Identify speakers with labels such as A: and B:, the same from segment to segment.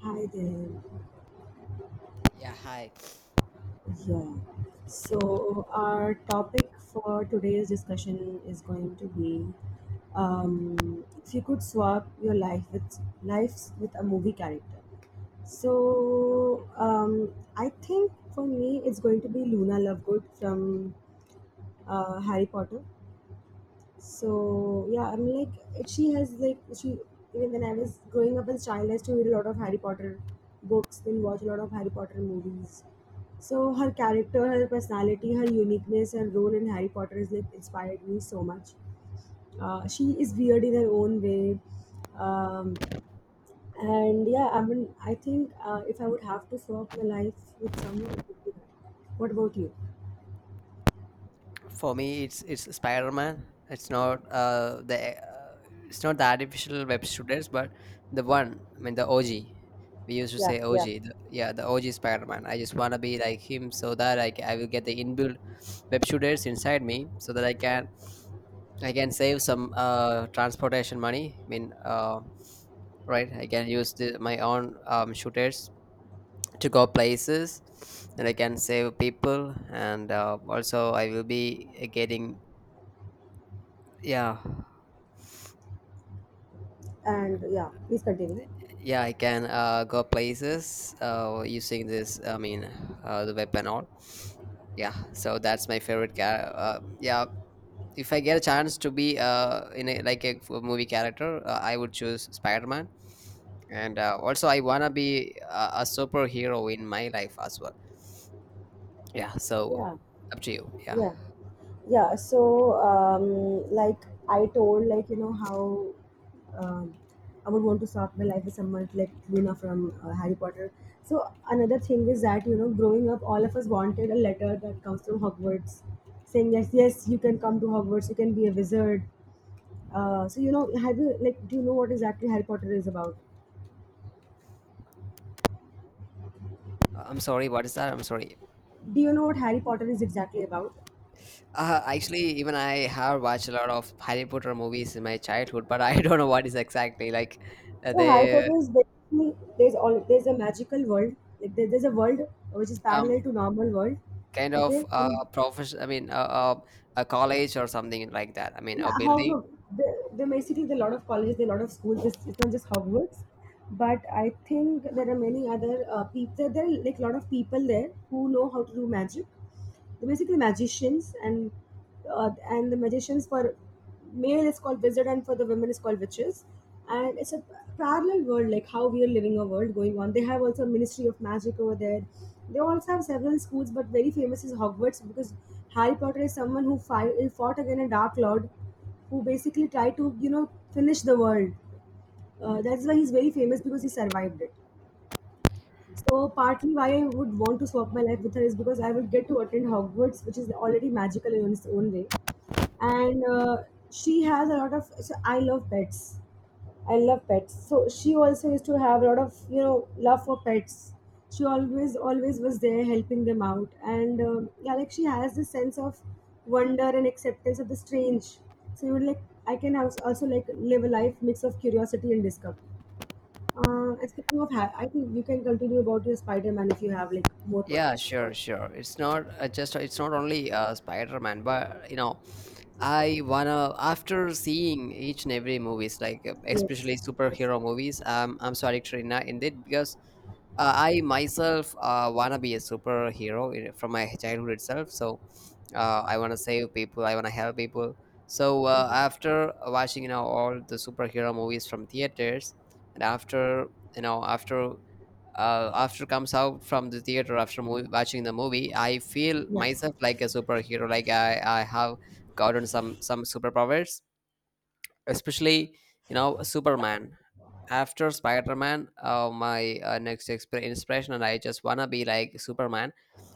A: Hi there.
B: Yeah, hi.
A: Yeah. So our topic for today's discussion is going to be if you could swap your life with lives with a movie character. So I think for me it's going to be Luna Lovegood from Harry Potter. So yeah, I'm like she has like she even when I was growing up as a child, I used to read a lot of Harry Potter books, then watch a lot of Harry Potter movies. So her character, her personality, her uniqueness, her role in Harry Potter has like inspired me so much. She is weird in her own way, um, and yeah, I mean, I think if I would have to swap my life with someone, it would be her. What about you?
B: For me, it's Spider-Man. It's not the it's not the artificial web shooters, but the one. I mean, the OG. We used to
A: Yeah,
B: say
A: yeah.
B: OG. The OG Spider-Man. I just wanna be like him, so that I will get the inbuilt web shooters inside me, so that I can save some transportation money. I mean, right? I can use my own shooters to go places, and I can save people, and also I will be getting. Yeah,
A: And yeah, please continue.
B: yeah, I can go places using this. I mean, the web and all. Yeah, so that's my favorite character. Yeah, if I get a chance to be in like a movie character, I would choose Spider Man. And also, I wanna be a superhero in my life as well. Yeah, so
A: Yeah,
B: up to you. Yeah.
A: yeah. Yeah, so like I told, like you know how, um, I would want to start my life with someone like Luna from Harry Potter. So another thing is that, you know, growing up, all of us wanted a letter that comes from Hogwarts saying yes, yes, you can come to Hogwarts, you can be a wizard. So you know, have you like, do you know what exactly Harry Potter is about?
B: I'm sorry. What is that? I'm sorry.
A: Do you know what Harry Potter is exactly about?
B: Actually, even I have watched a lot of Harry Potter movies in my childhood, but I don't know what is exactly like
A: So Harry
B: they
A: Potter is basically, there's all, there's a magical world, like there's a world which is parallel
B: um
A: to normal world,
B: kind of
A: okay? And
B: profession. I mean, a college or something like that. I mean, a
A: yeah, how
B: building.
A: no, there basically there are a lot of colleges, there are a lot of schools. It's not just Hogwarts, but I think there are many other people. There are like a lot of people there who know how to do magic. They're basically magicians, and the magicians for male is called wizard, and for the women is called witches. And it's a parallel world, like how we are living a world going on. They have also a Ministry of Magic over there. They also have several schools, but very famous is Hogwarts because Harry Potter is someone who fought against a Dark Lord who basically tried to, you know, finish the world. That's why he's very famous because he survived it. So partly why I would want to swap my life with her is because I would get to attend Hogwarts, which is already magical in its own way. And she has a lot of. So I love pets. I love pets. So she also used to have a lot of, you know, love for pets. She always was there helping them out, and yeah, like she has this sense of wonder and acceptance of the strange. So you would like, I can also like live a life mix of curiosity and discovery. And speaking of, I think you can continue about your Spider-Man if you have like more
B: Yeah,
A: points, of
B: sure,
A: course.
B: sure. It's not just it's not only Spider-Man, but you know, I wanna, after seeing each and every movies, like
A: Yes,
B: especially
A: yes,
B: superhero movies. I'm so addicted in it, because I myself wanna be a superhero from my childhood itself. So I wanna save people. I wanna help people. So after watching, you know, all the superhero movies from theaters, and after, you know, after comes out from the theater after movie, watching the movie, I feel
A: yeah.
B: myself like a superhero. Like I have gotten some superpowers, especially, you know, superman after spider-man. My next inspiration, and I just wanna be like superman.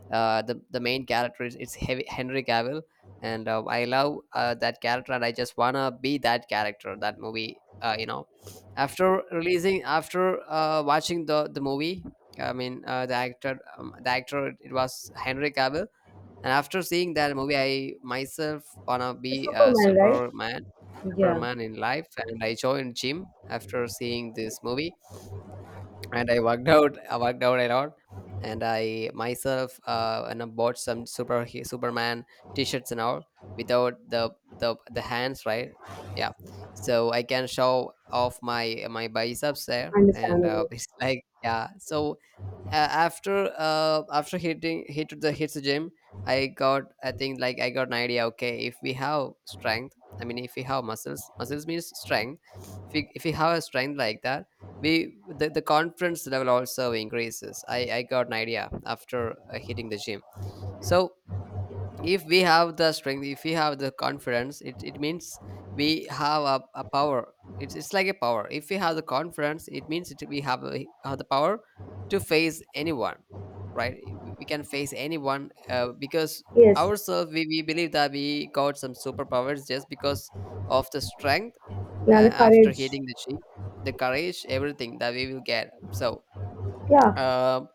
B: The main character is, it's heavy, henry cavill, and I love that character, and I just wanna be that character, that movie. You know, after releasing, after watching the movie, I mean the actor, the actor, it was henry cavill. And after seeing that movie, I myself wanna
A: The
B: be a
A: Superman, right?
B: Superman, Superman in life, and I joined gym after seeing this movie, and I worked out. I worked out a lot, and I myself and I bought some Superman T-shirts and all, without the hands, right? Yeah, so I can show off my biceps there, and
A: Understandable.
B: it's like, yeah. So after hitting hit the hits the gym, I got, I think, like I got an idea. Okay, if we have strength, I mean, if we have muscles, muscles means strength. If we have a strength like that, we the confidence level also increases. I got an idea after hitting the gym. So if we have the strength, if we have the confidence, it means we have a power. It's like a power. If we have the confidence, it means we have, have the power to face anyone, right? We can face anyone, because
A: Yes,
B: ourselves, we believe that we got some superpowers just because of the strength. uh,
A: yeah, the
B: after
A: courage.
B: hitting the sheep, the courage, everything that we will get. So
A: Yeah,
B: um,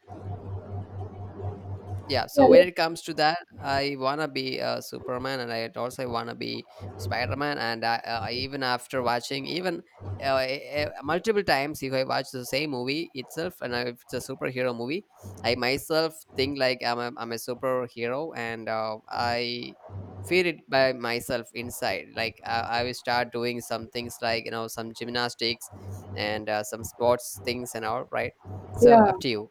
B: yeah,
A: yeah,
B: so when
A: like,
B: it comes to that, I wanna be superman, and I also wanna be spider-man. I, even after watching, even uh, eh, multiple times, if I watch the same movie itself, and if it's a superhero movie, I myself think like I'm a superhero, and I feel it by myself inside. Like I will start doing some things, like, you know, some gymnastics, and some sports things and all, right? So
A: yeah,
B: up to you.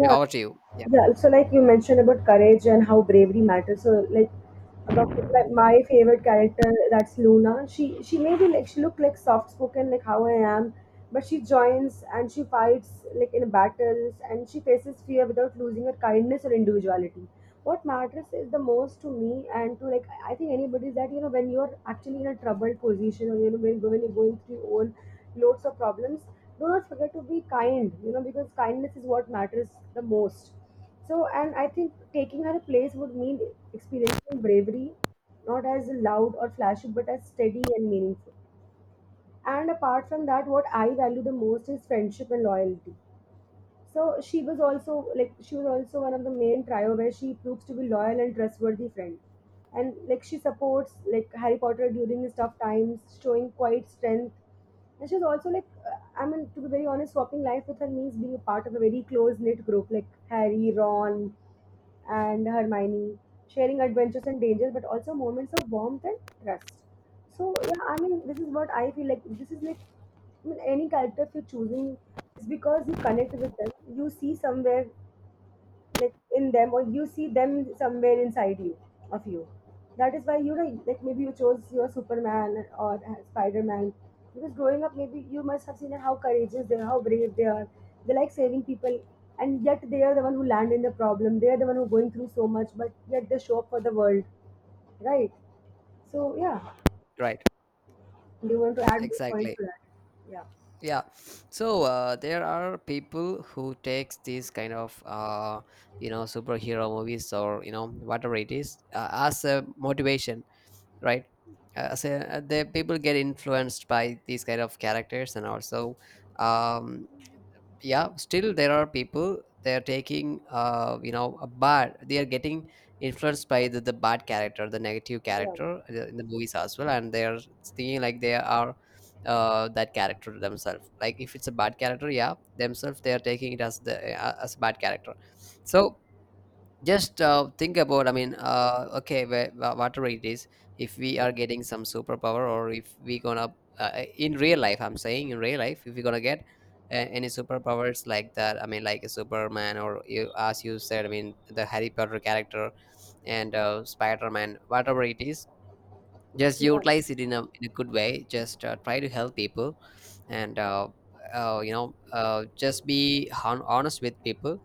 B: I mean, over to you. Yeah,
A: Yeah, so like you mentioned about courage and how bravery matters. So like about like my favorite character, that's Luna. She may be like she look like soft spoken like how I am, but she joins and she fights like in battles and she faces fear without losing her kindness or individuality. What matters is the most to me and to like, I think anybody is that, you know, when you're actually in a troubled position, or you know when you're going through your own loads of problems, do not forget to be kind, you know, because kindness is what matters the most. So and I think taking her place would mean experiencing bravery not as loud or flashy but as steady and meaningful. And apart from that, what I value the most is friendship and loyalty. So she was also like, she was also one of the main trio where she proves to be loyal and trustworthy friend. And like she supports like Harry Potter during his tough times, showing quite strength. And she's also like I mean, to be very honest, swapping life with her means being a part of a very close knit group like Harry, Ron, and Hermione, sharing adventures and dangers, but also moments of warmth and trust. So yeah, I mean, this is what I feel like. This is like, I mean, any character if you're choosing is because you connect with them. You see somewhere like in them, or you see them somewhere inside you, of you, that is why, you know, like maybe you chose your Superman or Spider-Man because growing up maybe you must have seen that how courageous they are, how brave they are, they like saving people, and yet they are the one who land in the problem, they are the one who going through so much, but yet they show up for the world, right? So yeah,
B: right,
A: do you want to add more points
B: exactly,
A: to that?
B: yeah. So there are people who takes these kind of you know, superhero movies or, you know, whatever it is, as a motivation, right? The people get influenced by these kind of characters, and also, um, yeah, still there are people, they are taking, you know, a bad. They are getting influenced by the bad character, the negative
A: Yeah, yeah,
B: character in the movies as well, and they are thinking like they are that character themselves. Like if it's a bad character, yeah, themselves they are taking it as the as a bad character. So just think about, I mean okay, whatever it is, if we are getting some superpower, or if we gonna in real life, I'm saying, in real life, if we're gonna get any superpowers like that, I mean like a superman, or, you, as you said, I mean the harry potter character and spider-man, whatever it is, just
A: yeah.
B: utilize it in in a good way. Just try to help people, and you know, just be honest with people.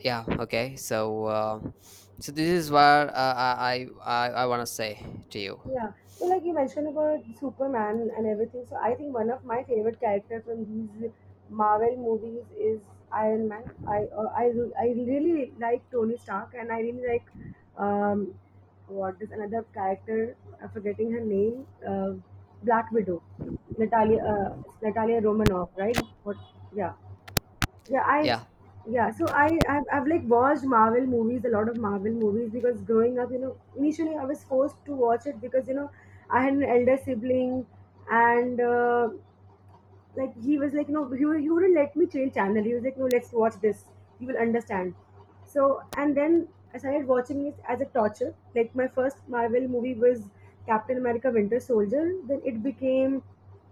B: Yeah, okay. So so this is what I want to say to you.
A: Yeah. So like you mentioned about Superman and everything. So I think one of my favorite character from these Marvel movies is Iron Man. I I really like Tony Stark and I really like, um what is another character? I'm forgetting her name. Black Widow. Natalia Natalia Romanoff, right? What? Yeah. Yeah, I
B: Yeah,
A: yeah, so I've like watched Marvel movies, a lot of Marvel movies, because growing up, you know, initially I was forced to watch it because, you know, I had an elder sibling, and like he was like, no, he wouldn't let me change channel. He was like, no, let's watch this, you will understand. So and then I started watching it as a torture. Like my first Marvel movie was Captain America Winter Soldier, then it became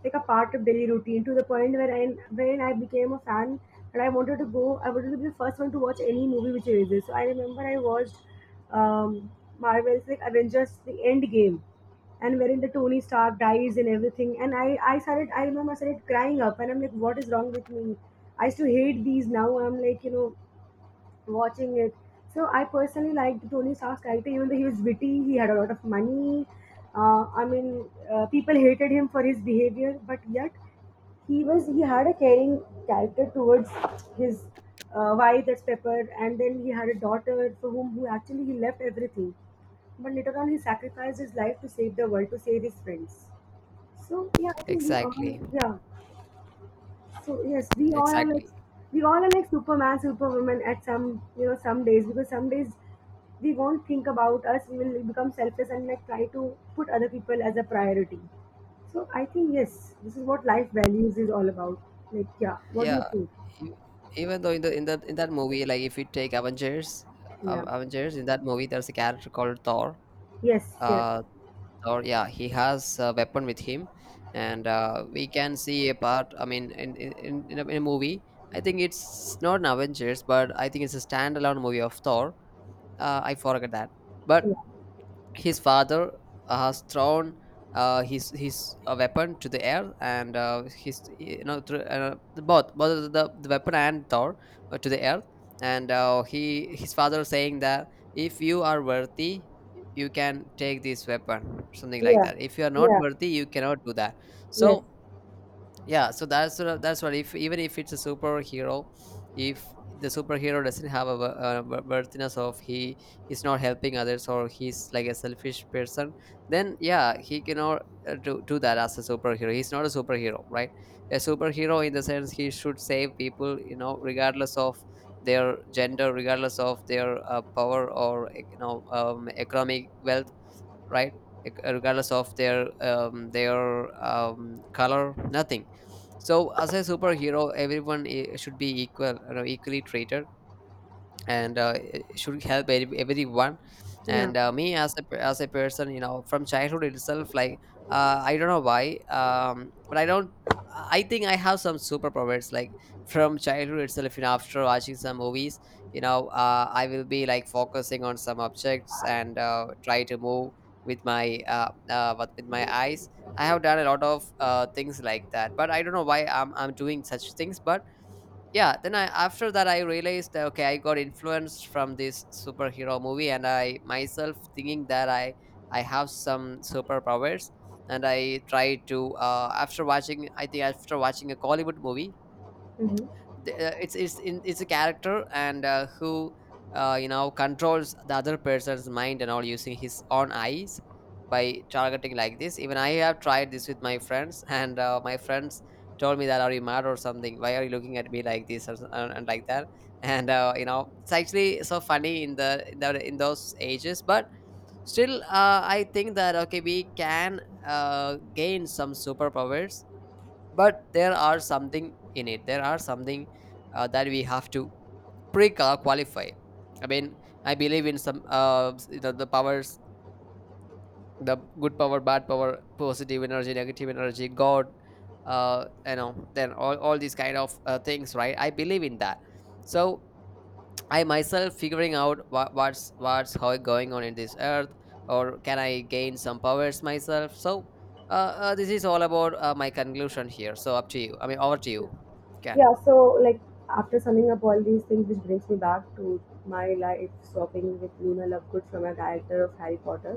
A: like a part of daily routine to the point where I, when I became a fan, and I wanted to go, I wanted to be the first one to watch any movie which releases. So I remember I watched, um Marvel's like Avengers The End Game, and wherein the Tony Stark dies and everything. And I started, I remember I started crying up, and I'm like, what is wrong with me? I used to hate these. Now I'm like, you know, watching it. So I personally liked Tony Stark's character, even though he was witty, he had a lot of money. I mean, people hated him for his behavior, but yet he had a caring character towards his wife, that's Pepper, and then he had a daughter for whom, who actually he left everything, but later on he sacrificed his life to save the world, to save his friends. So yeah, I think we all,
B: exactly,
A: yeah. So yes, we all are like,
B: exactly,
A: we all are like Superman, Superwoman at some, you know, some days, because some days we won't think about us. We will become selfless and like try to put other people as a priority. So I think yes, this is what life values is all about. Like yeah, what do
B: yeah.
A: you think?
B: e- even though in the, in that movie, like if you take avengers,
A: Yeah.
B: avengers, in that movie there's a character called thor.
A: Yes. Yes.
B: uh thor, yeah, he has a weapon with him, and we can see a part, I mean in a movie. I think it's not an avengers, but I think it's a standalone movie of thor. I forget that, but
A: Yeah.
B: his father has thrown his weapon to the air, and his, you know, through, the both the weapon and Thor to the air. And he, his father saying that, if you are worthy, you can take this weapon, something like
A: Yeah.
B: that. If you are not
A: Yeah.
B: worthy, you cannot do that.
A: Yes.
B: So yeah, so that's what, if even if it's a superhero, if the superhero doesn't have worthiness of he, he's not helping others, or he's like a selfish person, then yeah, he cannot do that as a superhero. He's not a superhero, right? A superhero in the sense, he should save people, you know, regardless of their gender, regardless of their power, or you know, economic wealth, right? Like, regardless of their color, nothing. So as a superhero, everyone should be equal, you know, equally treated, and it should help everyone.
A: Yeah.
B: And me as as a person, you know, from childhood itself, like I don't know why, but I don't, I think I have some superpowers, like from childhood itself, you know, after watching some movies, you know, I will be like focusing on some objects, and try to move with my what with my eyes. I have done a lot of things like that, but I don't know why I'm doing such things. But yeah, then i, after that, I realized that, okay, I got influenced from this superhero movie, and I myself thinking that I have some superpowers. And I tried to after watching I think after watching a Hollywood movie,
A: Mm-hmm.
B: the, it's in it's a character, and who you know, controls the other person's mind and all, using his own eyes, by targeting like this. Even I have tried this with my friends, and my friends told me that, are you mad or something, why are you looking at me like this, and like that. And you know, it's actually so funny in in those ages. But still I think that, okay, we can gain some superpowers, but there are something in it, there are something that we have to pre qualify. I mean, I believe in some the powers, the good power, bad power, positive energy, negative energy, god, you know, then all these kind of things, right? I believe in that. So I myself figuring out what's, how going on in this earth, or can I gain some powers myself? So, this is all about my conclusion here. So up to you. I mean, over to
A: Yeah.
B: you. Can.
A: Yeah, so like after summing up all these things which brings me back to my life swapping with Luna Lovegood from a character of Harry Potter.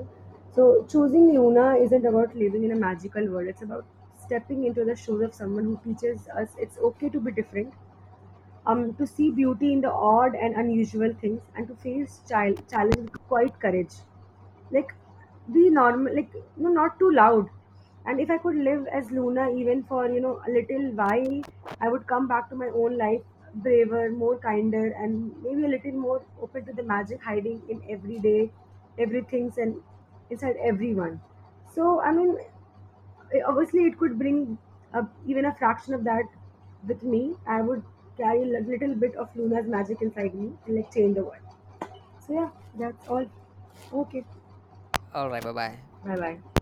A: So choosing Luna isn't about living in a magical world, it's about stepping into the shoes of someone who teaches us it's okay to be different, to see beauty in the odd and unusual things and to face child challenge with quite courage. Like, be normal, like, no, not too loud. And if I could live as Luna even for, you know, a little while, I would come back to my own life braver, more kinder, and maybe a little more open to the magic hiding in everyday everything's, and inside everyone. So I mean, obviously it could bring up even a fraction of that with me. I would carry a little bit of Luna's magic inside me and like change the world. So yeah, that's all. Okay,
B: All right. Bye bye.
A: bye bye.